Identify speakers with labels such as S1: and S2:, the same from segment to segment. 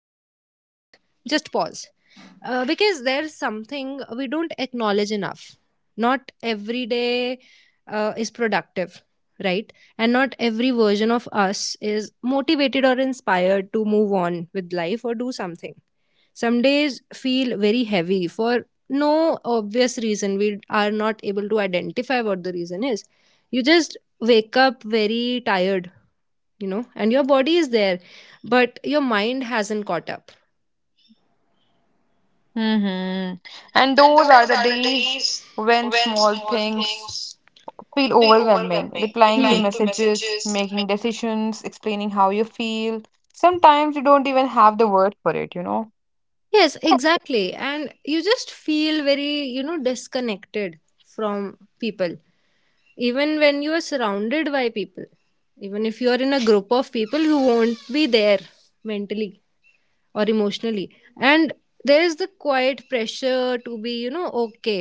S1: into the topic, just pause. Because there's something we don't acknowledge enough. Not every day is productive, right? And not every version of us is motivated or inspired to move on with life or do something. Some days feel very heavy for no obvious reason. We are not able to identify what the reason is. You just wake up very tired, you know, and your body is there, but your mind hasn't caught up.
S2: Mm-hmm. And
S1: And
S2: those
S1: those
S2: are the
S1: are the
S2: days
S1: days
S2: when
S1: when
S2: small
S1: small
S2: things
S1: things
S2: feel
S1: feel
S2: overwhelming.
S1: overwhelming. Hmm.
S2: Replying to
S1: Replying to
S2: messages,
S1: messages.
S2: making
S1: ma-
S2: decisions, explaining how you feel. Sometimes you don't even have the word for it, you know?
S1: Yes, exactly. And you just feel very, you know, disconnected from people, even when you are surrounded by people, even if you are in a group of people. You won't be there mentally or emotionally, and there is the quiet pressure to be, you know, okay,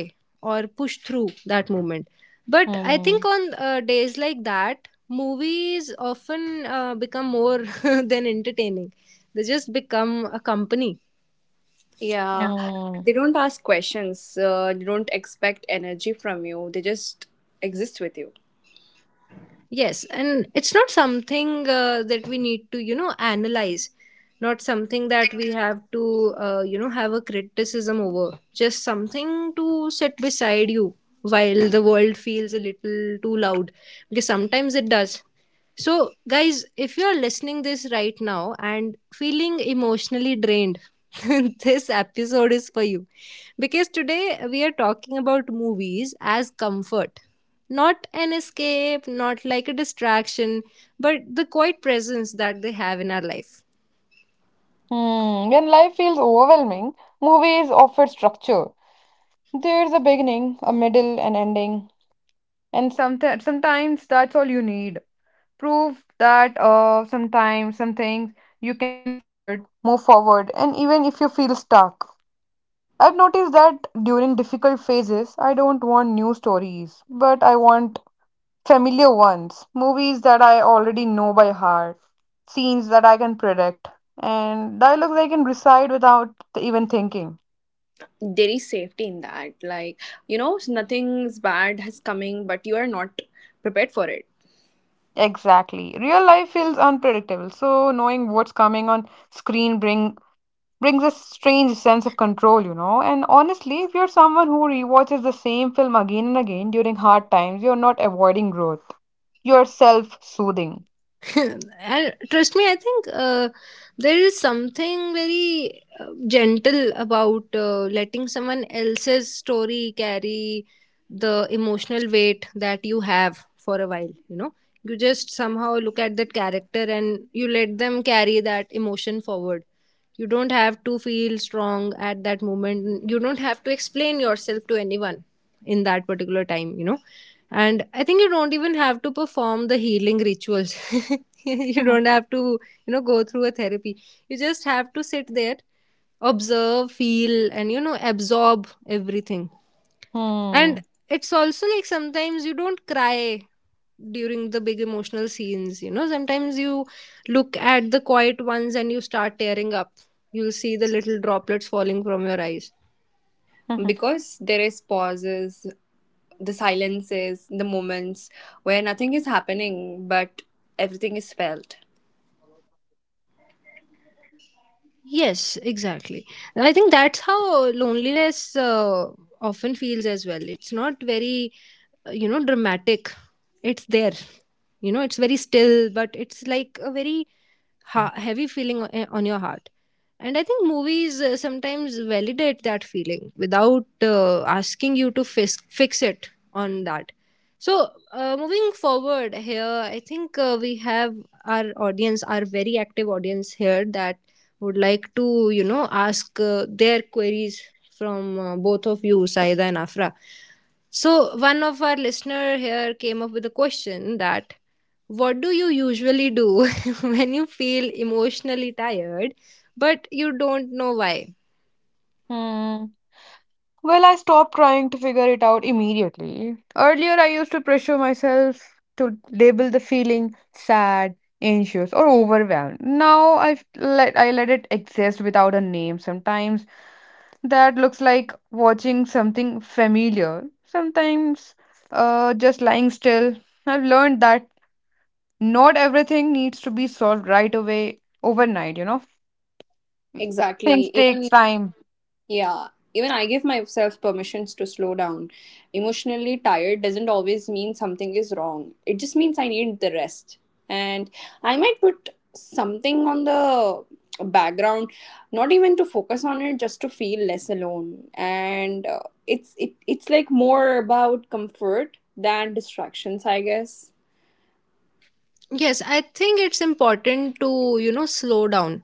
S1: or push through that moment. But I
S2: Mm.
S1: think on days like that, movies often become more than entertaining. They just become a company.
S3: Yeah,
S2: Mm.
S3: they don't ask questions. They don't expect energy from you. They just exist with you.
S1: Yes, and it's not something that we need to, you know, analyze, not something that we have to, you know, have a criticism over. Just something to sit beside you while the world feels a little too loud. Because sometimes it does. So, guys, if you're listening this right now and feeling emotionally drained, this episode is for you. Because today we are talking about movies as comfort. Not an escape, not like a distraction, but the quiet presence that they have in our life.
S2: Mm. When life feels overwhelming, movies offer structure. There's a beginning, a middle, an ending, and sometimes that's all you need. Prove that sometimes some things you can forward move forward, and even if you feel stuck, I've noticed that during difficult phases I don't want new stories, but I want familiar ones. Movies that I already know by heart, scenes that I can predict, and dialogues I can recite without even thinking.
S3: There is safety in that. Like, you know, nothing's bad has coming, but you are not prepared for it
S2: Exactly. Real life feels unpredictable, so knowing what's coming on screen brings a strange sense of control, you know. And honestly, if you're someone who rewatches the same film again and again during hard times, you're not avoiding growth. You're self soothing.
S1: And trust me, I think there is something very gentle about letting someone else's story carry the emotional weight that you have for a while, you know. You just somehow look at that character and you let them carry that emotion forward. You don't have to feel strong at that moment. You don't have to explain yourself to anyone in that particular time, you know. And I think you don't even have to perform the healing rituals. You
S2: Hmm.
S1: don't have to, you know, go through a therapy. You just have to sit there, observe, feel, and, you know, absorb everything. And
S2: Hmm.
S1: it's also like sometimes you don't cry during the big emotional scenes, you know. Sometimes you look at the quiet ones and you start tearing up. You'll see the little droplets falling from your eyes.
S3: because there is pauses, the silences, the moments where nothing is happening, but everything is felt.
S1: Yes, exactly. And I think that's how loneliness often feels as well. It's not very, you know, dramatic. It's there. You know, it's very still, but it's like a very heavy feeling on your heart. And I think movies sometimes validate that feeling without asking you to fix it on that. So, moving forward here, I think we have our audience, our very active audience here, that would like to, you know, ask their queries from both of you, Saida and Afra. So, one of our listener here came up with a question that what do you usually do when you feel emotionally tired but you don't know why?
S2: Hmm. Well, I stopped trying to figure it out immediately. Earlier, I used to pressure myself to label the feeling sad, anxious, or overwhelmed. Now I let it exist without a name. Sometimes that looks like watching something familiar. Sometimes, just lying still. I've learned that not everything needs to be solved right away, overnight. You know, things
S3: Exactly.
S2: take
S3: Even
S2: time.
S3: yeah, even I give myself permissions to slow down. Emotionally tired doesn't always mean something is wrong, it just means I need the rest. And I might put something on the background, not even to focus on it, just to feel less alone and it's like more about comfort than distractions, I guess.
S1: Yes, I think it's important to, you know, slow down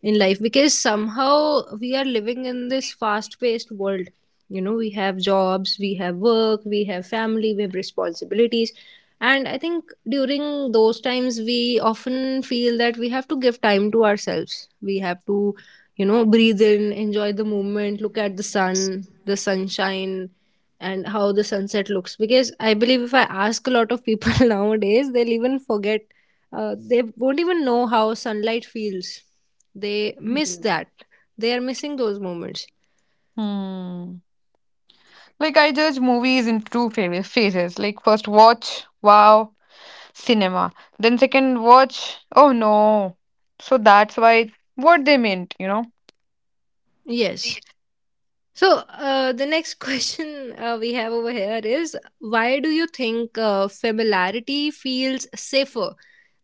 S1: in life because somehow we are living in this fast paced world. You know, we have jobs, we have work, we have family, we have responsibilities. And I think during those times, we often feel that we have to give time to ourselves. We have to, you know, breathe in, enjoy the moment, look at the sun, the sunshine, and how the sunset looks. Because I believe if I ask a lot of people nowadays, they'll even forget, they won't even know how sunlight feels. They miss that. They are missing those moments.
S2: Hmm. Like I judge movies in two phases. Like first watch, wow, cinema. Then second watch, oh no. So that's why, what they meant, you know.
S1: Yes, so the next question we have over here is why do you think familiarity feels safer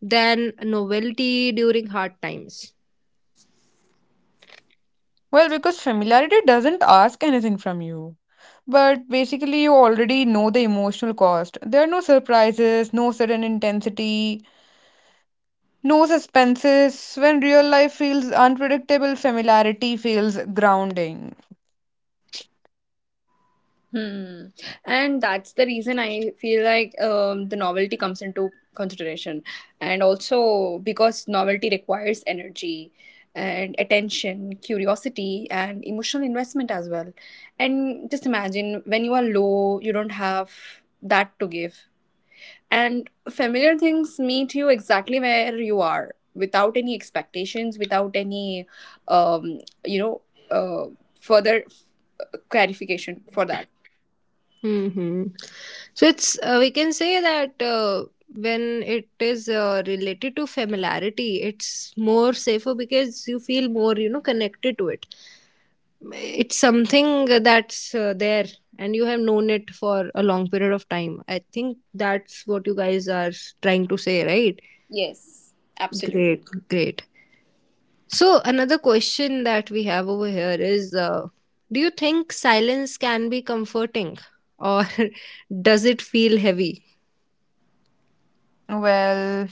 S1: than novelty during hard times.
S2: Well, because familiarity doesn't ask anything from you. But basically, you already know the emotional cost. There are no surprises, no sudden intensity, no suspenses. When real life feels unpredictable, familiarity feels grounding.
S3: Hmm. And that's the reason I feel like the novelty comes into consideration. And also because novelty requires energy and attention, curiosity, and emotional investment as well. And just imagine when you are low, you don't have that to give. And familiar things meet you exactly where you are without any expectations, without any, um, you know, uh, further clarification for that.
S1: Hmm. So it's, we can say that when it is related to familiarity, it's more safer because you feel more, you know, connected to it. It's something that's there, and you have known it for a long period of time. I think that's what you guys are trying to say, right?
S3: Yes, absolutely.
S1: Great, great. So another question that we have over here is: do you think silence can be comforting, or does it feel heavy?
S2: Well,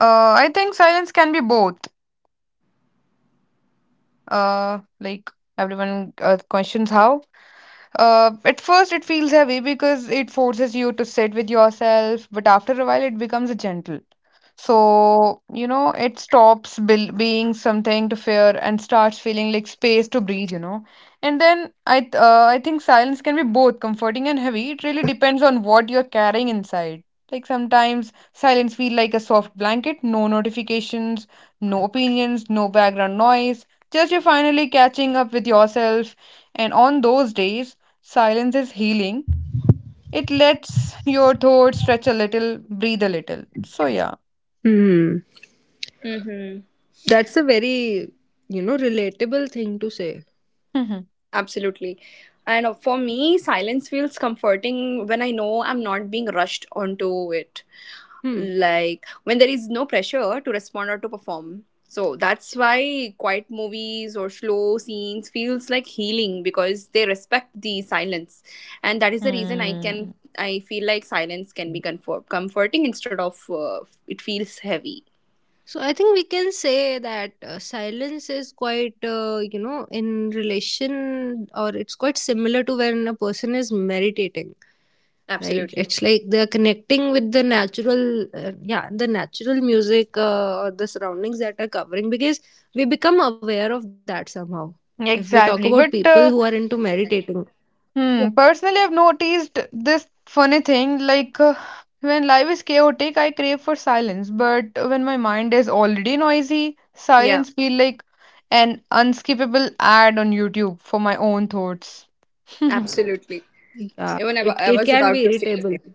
S2: uh, I think silence can be both. Like everyone questions how, at first, it feels heavy because it forces you to sit with yourself, but after a while, it becomes a gentle. So, you know, it stops being something to fear and starts feeling like space to breathe, you know. And then I think silence can be both comforting and heavy. It really depends on what you're carrying inside. Like sometimes silence feel like a soft blanket, no notifications, no opinions, no background noise. Just you finally catching up with yourself. And on those days, silence is healing. It lets your thoughts stretch a little, breathe a little. So yeah.
S1: Hmm.
S3: Mm-hmm.
S1: That's a very, you know, relatable thing to say.
S2: Mhm.
S3: Absolutely. And For me, silence feels comforting when I know I'm not being rushed onto it.
S1: Hmm.
S3: Like when there is no pressure to respond or to perform. So that's why quiet movies or slow scenes feels like healing because they respect the silence. And that is the reason I
S2: Hmm.
S3: can, I feel like silence can be comfort, comforting instead of it feels heavy.
S1: So I think we can say that silence is quite, you know, in relation or it's quite similar to when a person is meditating, right?
S3: Absolutely.
S1: It's like they're connecting with the natural, yeah, the natural music or the surroundings that are covering, because we become aware of that somehow. If we talk about
S2: Exactly. But
S1: people who are into meditating,
S2: hmm, personally, I've noticed this funny thing. Like, when life is chaotic, I crave for silence. But when my mind is already noisy,
S3: Yeah,
S2: silence feel like an unskippable ad on YouTube for my own thoughts.
S3: absolutely.
S1: yeah,
S3: Even
S1: it,
S3: I
S1: it
S3: was
S1: can
S3: about
S1: be
S3: to say the
S1: irritable.
S3: same.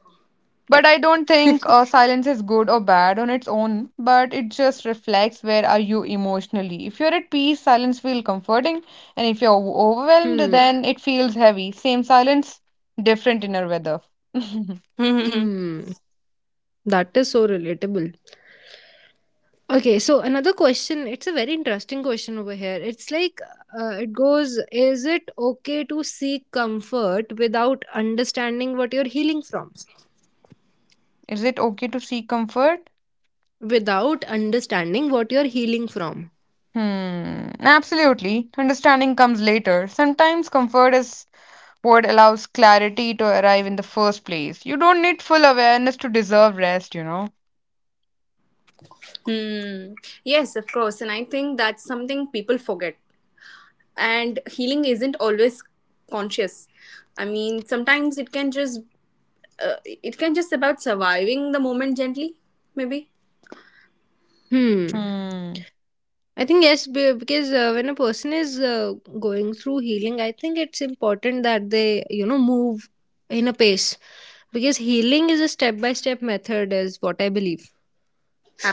S2: But
S3: Yep.
S2: I don't think silence is good or bad on its own, but it just reflects where are you emotionally. If you're at peace, silence feels comforting, and if you're overwhelmed,
S1: Hmm.
S2: then it feels heavy. Same silence, different inner weather.
S1: Hmm. That is so relatable. Okay, so another question. It's a very interesting question over here. It's like, it goes, is it okay to seek comfort without understanding what you're healing from?
S2: Is it okay to seek comfort?
S1: Without understanding what you're healing from.
S2: Hmm, absolutely. Understanding comes later. Sometimes comfort is what allows clarity to arrive in the first place. You don't need full awareness to deserve rest, you know.
S3: Hmm. Yes, of course. And I think that's something people forget. And healing isn't always conscious. I mean, sometimes it can just about surviving the moment gently, maybe.
S1: Hmm.
S2: Hmm.
S1: I think yes, because when a person is going through healing, I think it's important that they, you know, move in a pace, because healing is a step by step method, is what I believe.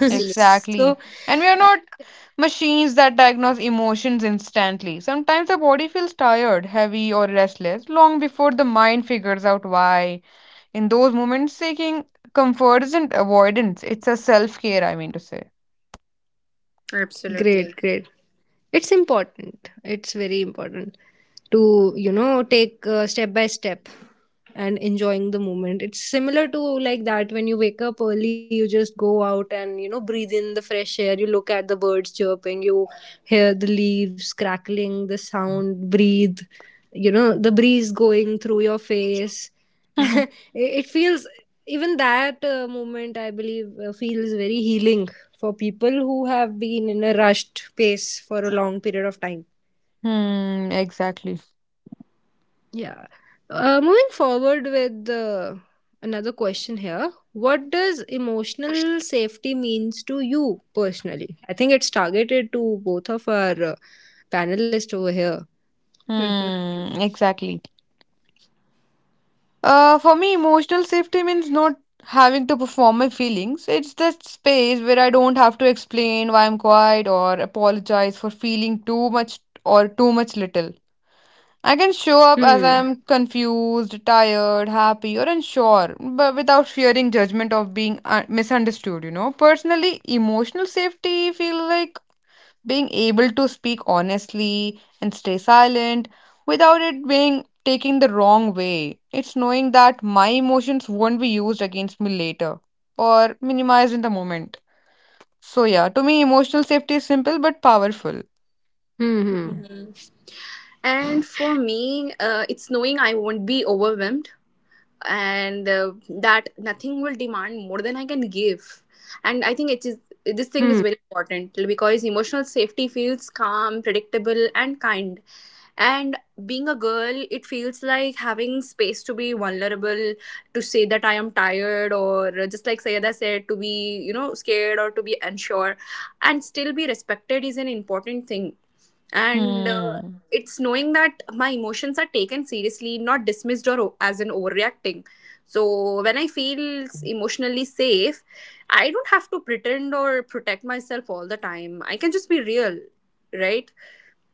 S2: Exactly.
S1: So,
S2: And we are
S1: uh,
S2: not machines that diagnose emotions instantly. Sometimes the body feels tired, heavy, or restless long before the mind figures out why. In those moments, seeking comfort isn't avoidance, it's a self care, I mean to say.
S1: great,
S3: Absolutely.
S1: great. It's important, it's very important to, you know, take step by step and enjoying the moment. It's similar to like that when you wake up early, you just go out and, you know, breathe in the fresh air, you look at the birds chirping, you hear the leaves crackling, the sound breathe, you know, the breeze going through your face. it it feels, even that moment, I believe, feels very healing for people who have been in a rushed pace for a long period of time.
S2: Hmm, exactly.
S1: Yeah. Moving forward with another question here. What does emotional safety means to you personally? I think it's targeted to both of our panelists over here.
S2: Hmm, exactly. For me, emotional safety means not having to perform my feelings. It's that space where I don't have to explain why I'm quiet or apologize for feeling too much or too much little. I can show up as
S1: Hmm.
S2: I'm confused, tired, happy, or unsure, but without fearing judgment of being misunderstood, you know. Personally, emotional safety feels like being able to speak honestly and stay silent without it being taking the wrong way. It's knowing that my emotions won't be used against me later or minimized in the moment. So, yeah, to me, emotional safety is simple but powerful.
S1: Hmm. Hmm.
S3: And for me, it's knowing I won't be overwhelmed and that nothing will demand more than I can give. And I think it is, this thing
S1: Hmm.
S3: is very important because emotional safety feels calm, predictable, and kind. And being a girl, it feels like having space to be vulnerable, to say that I am tired, or just like Sayada said, to be, you know, scared or to be unsure, and still be respected is an important thing and
S2: Hmm.
S3: it's knowing that my emotions are taken seriously, not dismissed or as an overreacting. So when I feel emotionally safe, I don't have to pretend or protect myself all the time. I can just be real, right?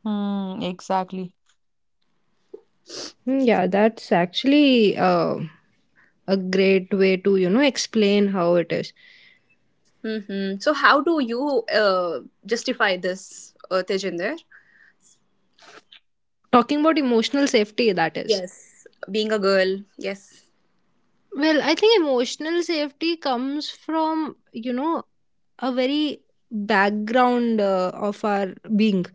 S2: Hmm. Exactly.
S1: Hmm, yeah, that's actually a great way to, you know, explain how it is.
S3: Mm-hmm. So how do you justify this, Tejinder?
S1: Talking about emotional safety, that is.
S3: Yes, being a girl, yes.
S1: Well, I think emotional safety comes from, you know, a very background of our being.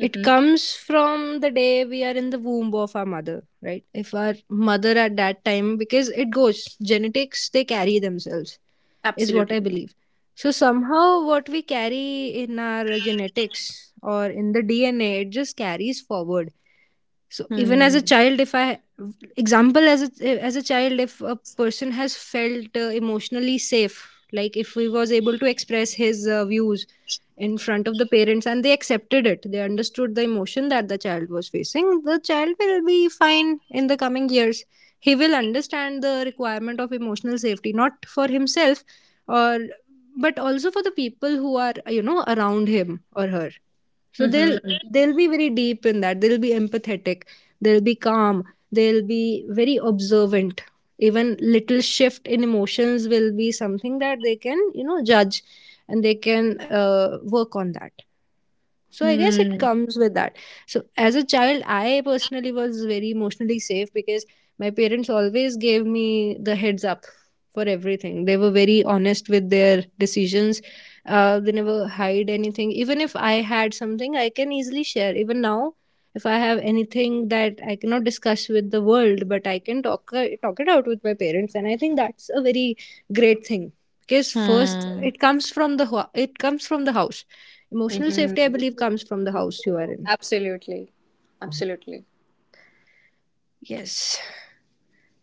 S1: It
S3: Mm-hmm.
S1: comes from the day we are in the womb of our mother, right? If our mother at that time, because it goes, genetics, they carry themselves, is what I
S3: Absolutely.
S1: believe. So somehow what we carry in our genetics or in the DNA, it just carries forward. So even as a
S2: Hmm.
S1: child, if I, example, as a child, if a person has felt emotionally safe, like if he was able to express his views in front of the parents and they accepted it, they understood the emotion that the child was facing, the child will be fine in the coming years. He will understand the requirement of emotional safety, not for himself or, but also for the people who are, you know, around him or her. So they'll
S3: Mm-hmm.
S1: they'll be very deep in that, they'll be empathetic, they'll be calm, they'll be very observant. Even little shift in emotions will be something that they can, you know, judge, and they can work on that. So I guess it
S2: Hmm.
S1: comes with that. So as a child I personally was very emotionally safe, because my parents always gave me the heads up for everything. They were very honest with their decisions, they never hide anything. Even if I had something I can easily share, even now if I have anything that I cannot discuss with the world, but I can talk, talk it out with my parents, and I think that's a very great thing. Because first
S2: Hmm.
S1: it comes from the it comes from the house. Emotional
S3: Mm-hmm.
S1: safety, I believe, comes from the house you are in.
S3: Absolutely. Absolutely.
S1: Yes.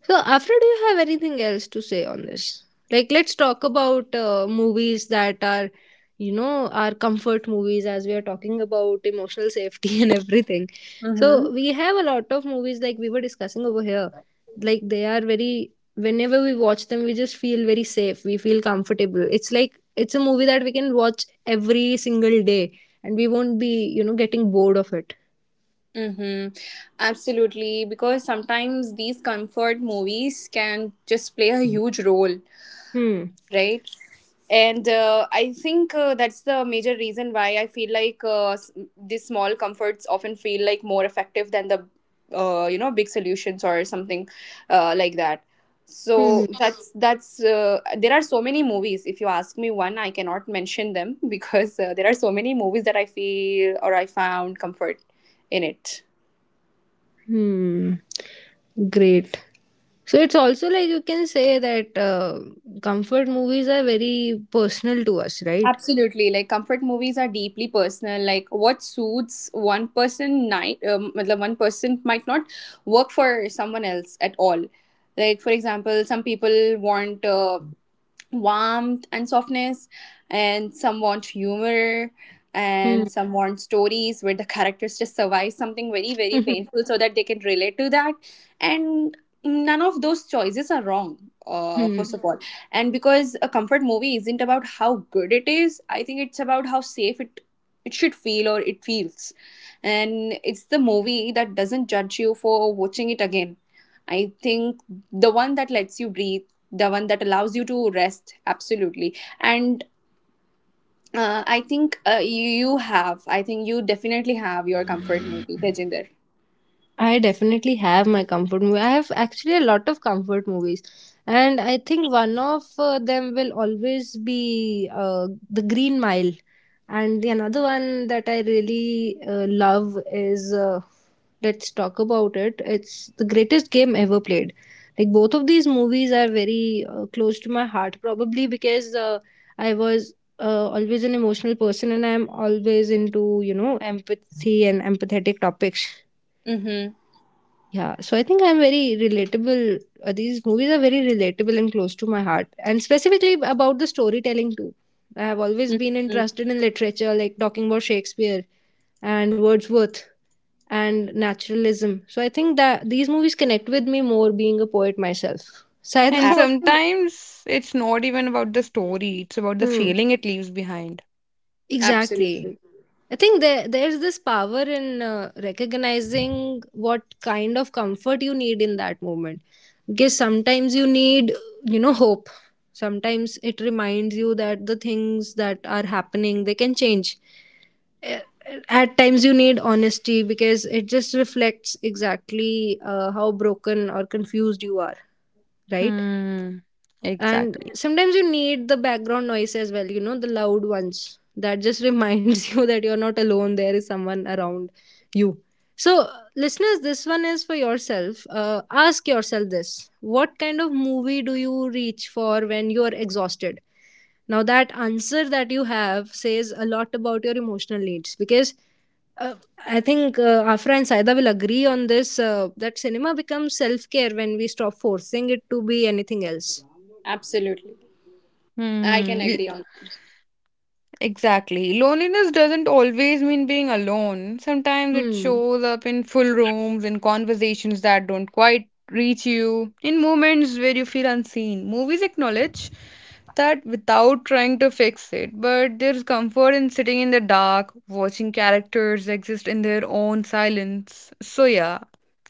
S1: So, Afra, do you have anything else to say on this? Like, let's talk about movies that are, you know, our comfort movies, as we are talking about emotional safety and everything. So,
S3: Mm-hmm.
S1: we have a lot of movies like we were discussing over here. Like, they are very, whenever we watch them, we just feel very safe. We feel comfortable. It's like, it's a movie that we can watch every single day and we won't be, you know, getting bored of it.
S3: Mm-hmm. Absolutely, because sometimes these comfort movies can just play a huge role,
S1: Hmm.
S3: right? And I think that's the major reason why I feel like these small comforts often feel like more effective than the, you know, big solutions or something like that.
S1: Hmm. Hmm.
S3: So that's there are so many movies. If you ask me one, I cannot mention them because there are so many movies that I feel or I found comfort in it.
S1: Hmm. Great. So it's also like you can say that comfort movies are very personal to us, right?
S3: Absolutely, like comfort movies are deeply personal. Like what suits one person, night, मतलब one person might not work for someone else at all. Like for example, some people want warmth and softness, and some want humor,
S1: Hmm.
S3: and some want stories where the characters just survive something very, very painful so that they can relate to that. And none of those choices are wrong. First
S1: Hmm.
S3: of all, and because a comfort movie isn't about how good it is, I think it's about how safe it should feel or it feels. And it's the movie that doesn't judge you for watching it again, I think, the one that lets you breathe, the one that allows you to rest, absolutely. And I think you definitely have your comfort movie, Tejinder.
S1: I definitely have my comfort movie. I have actually a lot of comfort movies, and I think one of them will always be The Green Mile, and the another one that I really love is Let's Talk About It. It's the greatest game ever played. Like both of these movies are very close to my heart, probably because I was. Always an emotional person, and I'm always into, you know, empathy and empathetic topics.
S3: Mm-hmm.
S1: Yeah, so I think I'm very relatable. These movies are very relatable and close to my heart, and specifically about the storytelling too. I have always been
S3: Mm-hmm.
S1: interested in literature, like talking about Shakespeare and Wordsworth and naturalism. So I think that these movies connect with me more being a poet myself. So I
S2: And
S3: Ab-
S1: thought,
S2: sometimes it's not even about the story, it's about the
S1: hmm,
S2: feeling it leaves behind.
S1: exactly.
S3: Absolutely,
S1: I think there's this power in recognizing what kind of comfort you need in that moment. Because sometimes you need, you know, hope. Sometimes it reminds you that the things that are happening they can change. Eh, At times you need honesty because it just reflects exactly how broken or confused you are, right?
S2: Hmm.
S1: And
S2: Exactly.
S1: sometimes you need the background noise as well, you know, the loud ones that just reminds you that you're not alone, there is someone around you. So, listeners, this one is for yourself. Ask yourself this: what kind of movie do you reach for when you are exhausted? Now, that answer that you have says a lot about your emotional needs, because uh, I think Afra and Saida will agree on this that cinema becomes self care when we stop forcing it to be anything else.
S3: absolutely, I can
S2: Hmm.
S3: agree on
S2: Exactly. Loneliness doesn't always mean being alone. Sometimes it
S1: Hmm.
S2: shows up in full rooms, in conversations that don't quite reach you, in moments where you feel unseen. Movies acknowledge that without trying to fix it, but there's comfort in sitting in the dark, watching characters exist in their own silence. So, yeah,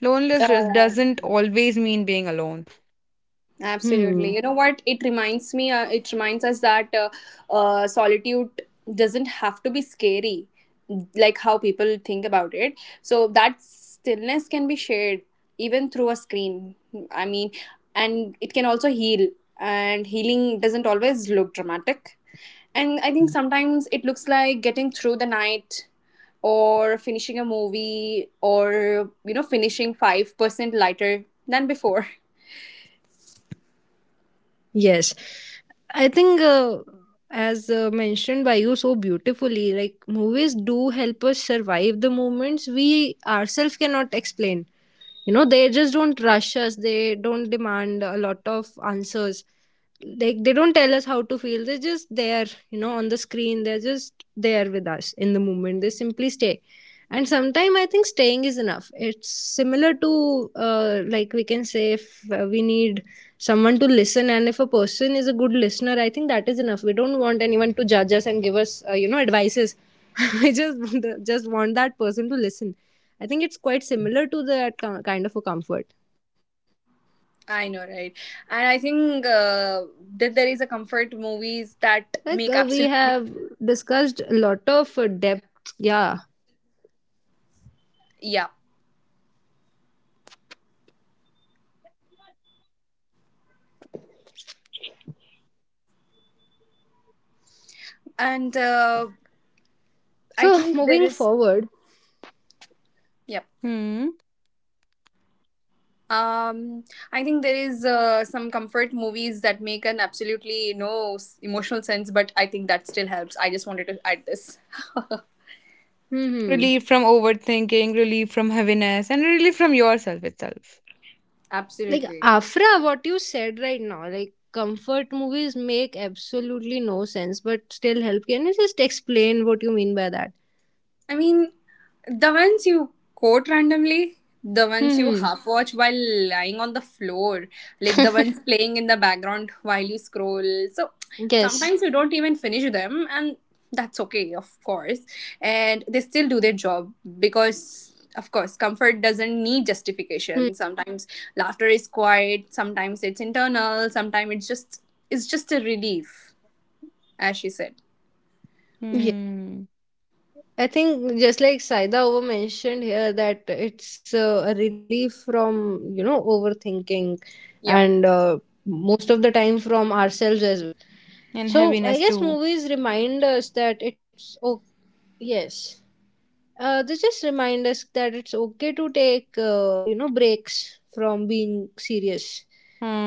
S2: loneliness
S3: that.
S2: just doesn't always mean being alone.
S1: Hmm.
S3: Absolutely. You know what? It reminds me, it reminds us that solitude doesn't have to be scary, like how people think about it. So that stillness can be shared even through a screen. I mean, and it can also heal. And healing doesn't always look dramatic. And I think sometimes it looks like getting through the night or finishing a movie or, you know, finishing 5% lighter than before.
S1: Yes. I think, as mentioned by you so beautifully, like movies do help us survive the moments we ourselves cannot explain. You know, they just don't rush us, they don't demand a lot of answers. Like they don't tell us how to feel, they're just there, you know, on the screen, they're just there with us in the moment, they simply stay. And sometimes I think staying is enough. It's similar to, like we can say, if we need someone to listen, and if a person is a good listener, I think that is enough. We don't want anyone to judge us and give us, you know, advices. We just want that person to listen. I think it's quite similar to that kind of a comfort.
S3: I know, right? And I think that there is a comfort movies
S1: I
S3: that
S1: think
S3: make
S1: we
S3: absolutely,
S1: have discussed a lot of depth. Yeah.
S3: yeah. And I
S1: So
S3: think there
S1: moving
S3: is,
S1: forward,
S3: yeah.
S2: Hmm.
S3: Um, I think there is some comfort movies that make an absolutely no s- emotional sense, but I think that still helps. I just wanted to add this.
S1: hmm,
S2: Relief from overthinking, relief from heaviness, and relief from yourself itself.
S1: like
S3: Absolutely.
S1: Afra, what you said right now, like comfort movies make absolutely no sense, but still help. Can you just explain what you mean by that?
S3: I mean, the ones you quote randomly, the ones you
S1: Hmm.
S3: half watch while lying on the floor, like the ones playing in the background while you scroll. So
S1: Yes.
S3: sometimes you don't even finish them, and that's okay, of course. And they still do their job because, of course, comfort doesn't need
S1: Hmm.
S3: justification. Sometimes laughter is quiet, sometimes it's internal, sometimes it's just a relief, as she said.
S2: Hmm.
S1: I think just like Saida over mentioned here that it's a relief from, you know, overthinking
S3: Yep.
S1: and most of the time from ourselves as well.
S2: And
S1: So
S2: heaviness
S1: I guess
S2: too.
S1: movies remind us that it's oh yes, they just remind us that it's okay to take, you know, breaks from being serious.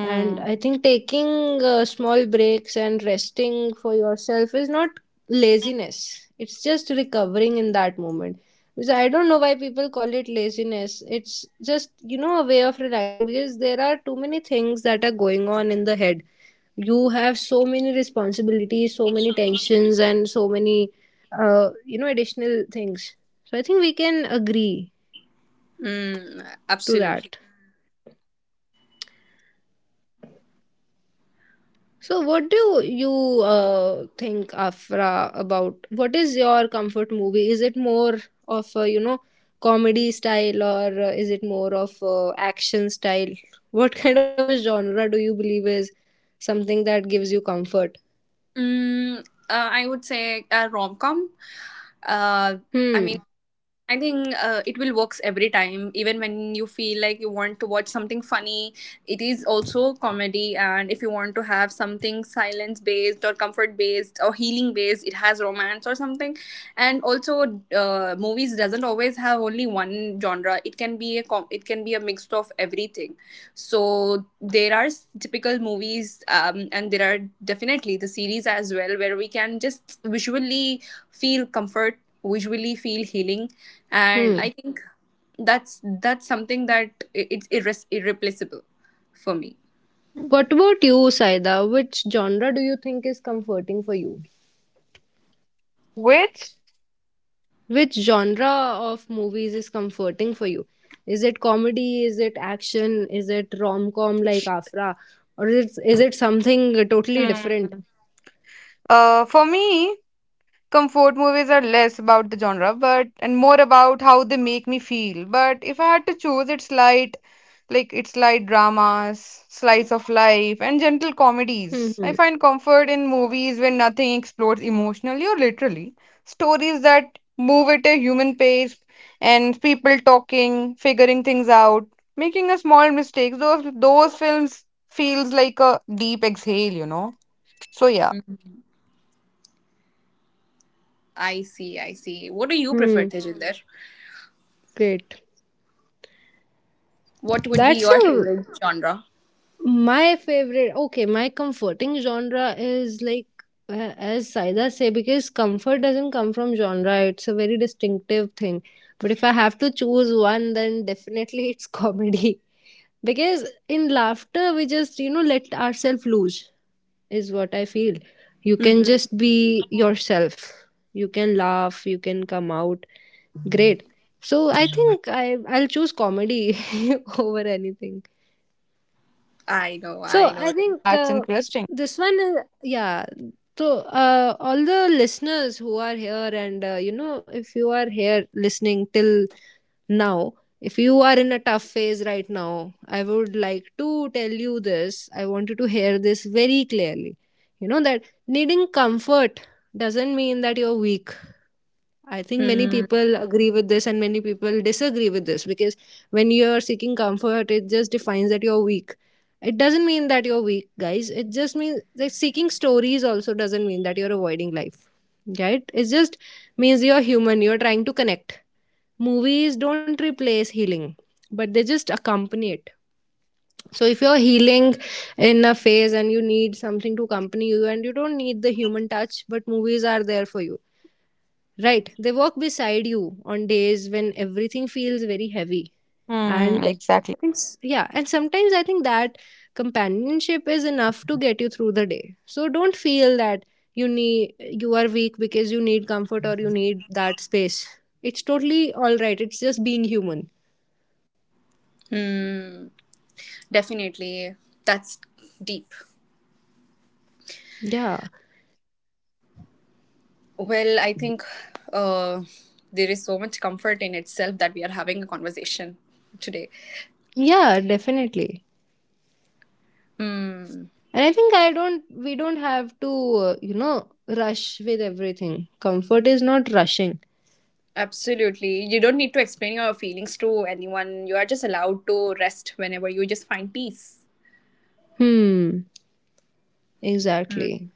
S1: And I think taking small breaks and resting for yourself is not laziness, it's just recovering in that moment. Because I don't know why people call it laziness, it's just, you know, a way of relaxing, because there are too many things that are going on in the head. You have so many responsibilities, so many tensions, and so many you know, additional things. So I think we can agree
S3: Mm,
S1: to
S3: absolutely.
S1: that. So what do you think, Afra, about what is your comfort movie? Is it more of a, you know, comedy style, or is it more of action style? What kind of a genre do you believe is something that gives you comfort?
S3: Mm, I would say a rom com. Uh, I mean,
S1: Hmm.
S3: I think it will works every time. Even when you feel like you want to watch something funny, it is also comedy. And if you want to have something silence based or comfort based or healing based, it has romance or something. And also, movies doesn't always have only one genre. It can be a it can be a mix of everything. So there are typical movies, and there are definitely the series as well, where we can just visually feel comfort, visually feel healing, and
S1: Hmm.
S3: I think that's something that, irreplaceable for me.
S1: What about you, Saida? Which genre do you think is comforting for you?
S2: Which,
S1: Which genre of movies is comforting for you? Is it comedy? Is it action? Is it rom com like Afra? Or is it something totally different?
S2: hmm, for me, comfort movies are less about the genre, but and more about how they make me feel. But if I had to choose, it's light. Like, it's light dramas, slice of life, and gentle comedies. I
S1: Mm-hmm.
S2: find comfort in movies when nothing explodes emotionally or literally. Stories that move at a human pace, and people talking, figuring things out, making a small mistake. Those films feels like a deep exhale, you know. So yeah.
S3: I see, I see. What do you prefer,
S1: Hmm.
S3: Tejinder?
S1: Great.
S3: What would be
S1: That's
S3: your
S1: a
S3: favorite genre?
S1: my favorite, okay, my comforting genre is like, as Saida say, because comfort doesn't come from genre. It's a very distinctive thing. But if I have to choose one, then definitely it's comedy. Because in laughter, we just, you know, let ourselves loose, is what I feel. You can
S3: Hmm.
S1: just be yourself. You can laugh, you can come out. Great. So I think I'll choose comedy over anything.
S3: I know, I
S1: So
S3: know.
S1: I think
S2: That's interesting.
S1: this one is yeah. So all the listeners who are here, and you know, if you are here listening till now, if you are in a tough phase right now, I would like to tell you this. I want you to hear this very clearly. You know that needing comfort doesn't mean that you're weak. I think many
S3: Hmm.
S1: people agree with this and many people disagree with this, because when you're seeking comfort, it just defines that you're weak. It doesn't mean that you're weak, guys. It just means that seeking stories also doesn't mean that you're avoiding life, right? It just means you're human, you're trying to connect. Movies don't replace healing, but they just accompany it. So if you're healing in a phase and you need something to accompany you and you don't need the human touch, but movies are there for you. Right. They walk beside you on days when everything feels very heavy. And
S2: Hmm, exactly.
S1: I think, yeah, and sometimes I think that companionship is enough to get you through the day. So don't feel that you need, you are weak because you need comfort or you need that space. It's totally all right. It's just being human.
S3: Hmm. Definitely, that's deep.
S1: Yeah.
S3: Well, I think uh, there is so much comfort in itself that we are having a conversation today.
S1: Yeah, definitely.
S3: Hmm.
S1: And I think I don't, we don't have to, you know, rush with everything. Comfort is not rushing.
S3: Absolutely. You don't need to explain your feelings to anyone. You are just allowed to rest whenever you just find peace.
S1: Hmm. Exactly.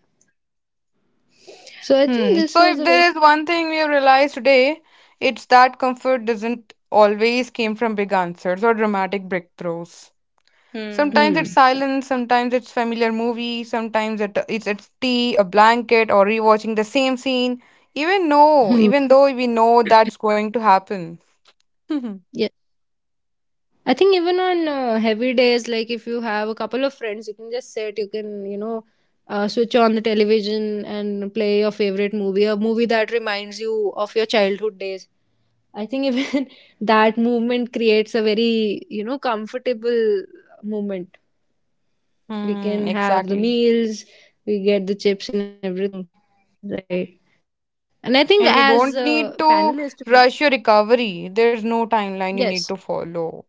S1: So I think
S2: Hmm.
S1: this
S2: So
S1: was
S2: if
S1: a very
S2: there is one thing we have realized today, it's that comfort doesn't always came from big answers or dramatic breakthroughs.
S3: Mm.
S2: Sometimes it's
S1: hmm.
S2: silence, sometimes it's familiar movie, sometimes it's tea, a blanket, or rewatching the same scene. Even no,
S1: Hmm.
S2: even though we know that's going to happen.
S1: Yeah, I think even on heavy days, like if you have a couple of friends, you can just sit, you can, you know, switch on the television and play your favorite movie, a movie that reminds you of your childhood days. I think even that movement creates a very, you know, comfortable moment. We
S2: Hmm,
S1: can have the
S2: exactly.
S1: meals, we get the chips and everything, right? And I think as
S2: And you
S3: Hmm.
S1: a
S2: don't need
S1: panelist,
S2: to rush your recovery. There's no timeline you
S1: yes,
S2: need to follow.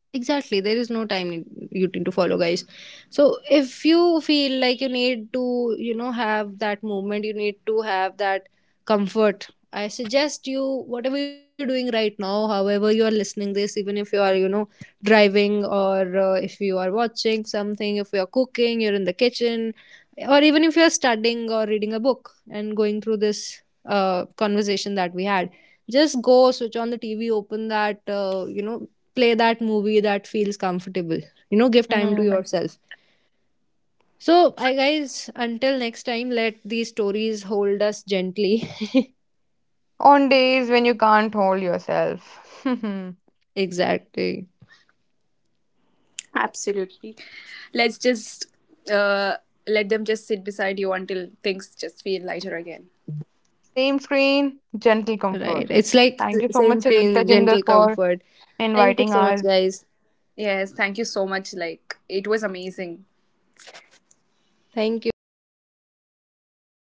S1: exactly, there is no time need, you need to follow, guys. So if you feel like you need to, you know, have that movement, you need to have that comfort, I suggest you, whatever you're doing right now, however you are listening this, even if you are, you know, driving, or if you are watching something, if you're cooking, you're in the kitchen, or even if you're studying or reading a book and going through this conversation that we had, just go switch on the TV, open that, you know, play that movie that feels comfortable, you know, give time to yourself. So I, guys, until next time, let these stories hold us gently.
S2: On days when you can't hold yourself.
S1: Exactly.
S3: Let's just uh, let them just sit beside you until things just feel lighter again.
S2: Same screen, gentle
S1: Right,
S2: comfort.
S1: it's like
S2: Thank you so
S1: same
S2: much,
S1: screen
S2: Tajinder,
S1: gentle
S2: for
S1: comfort. Thank you
S2: inviting
S1: so much,
S2: us
S1: guys.
S3: Yes, thank you so much. Like, it was amazing.
S1: Thank you, guys, see you next time.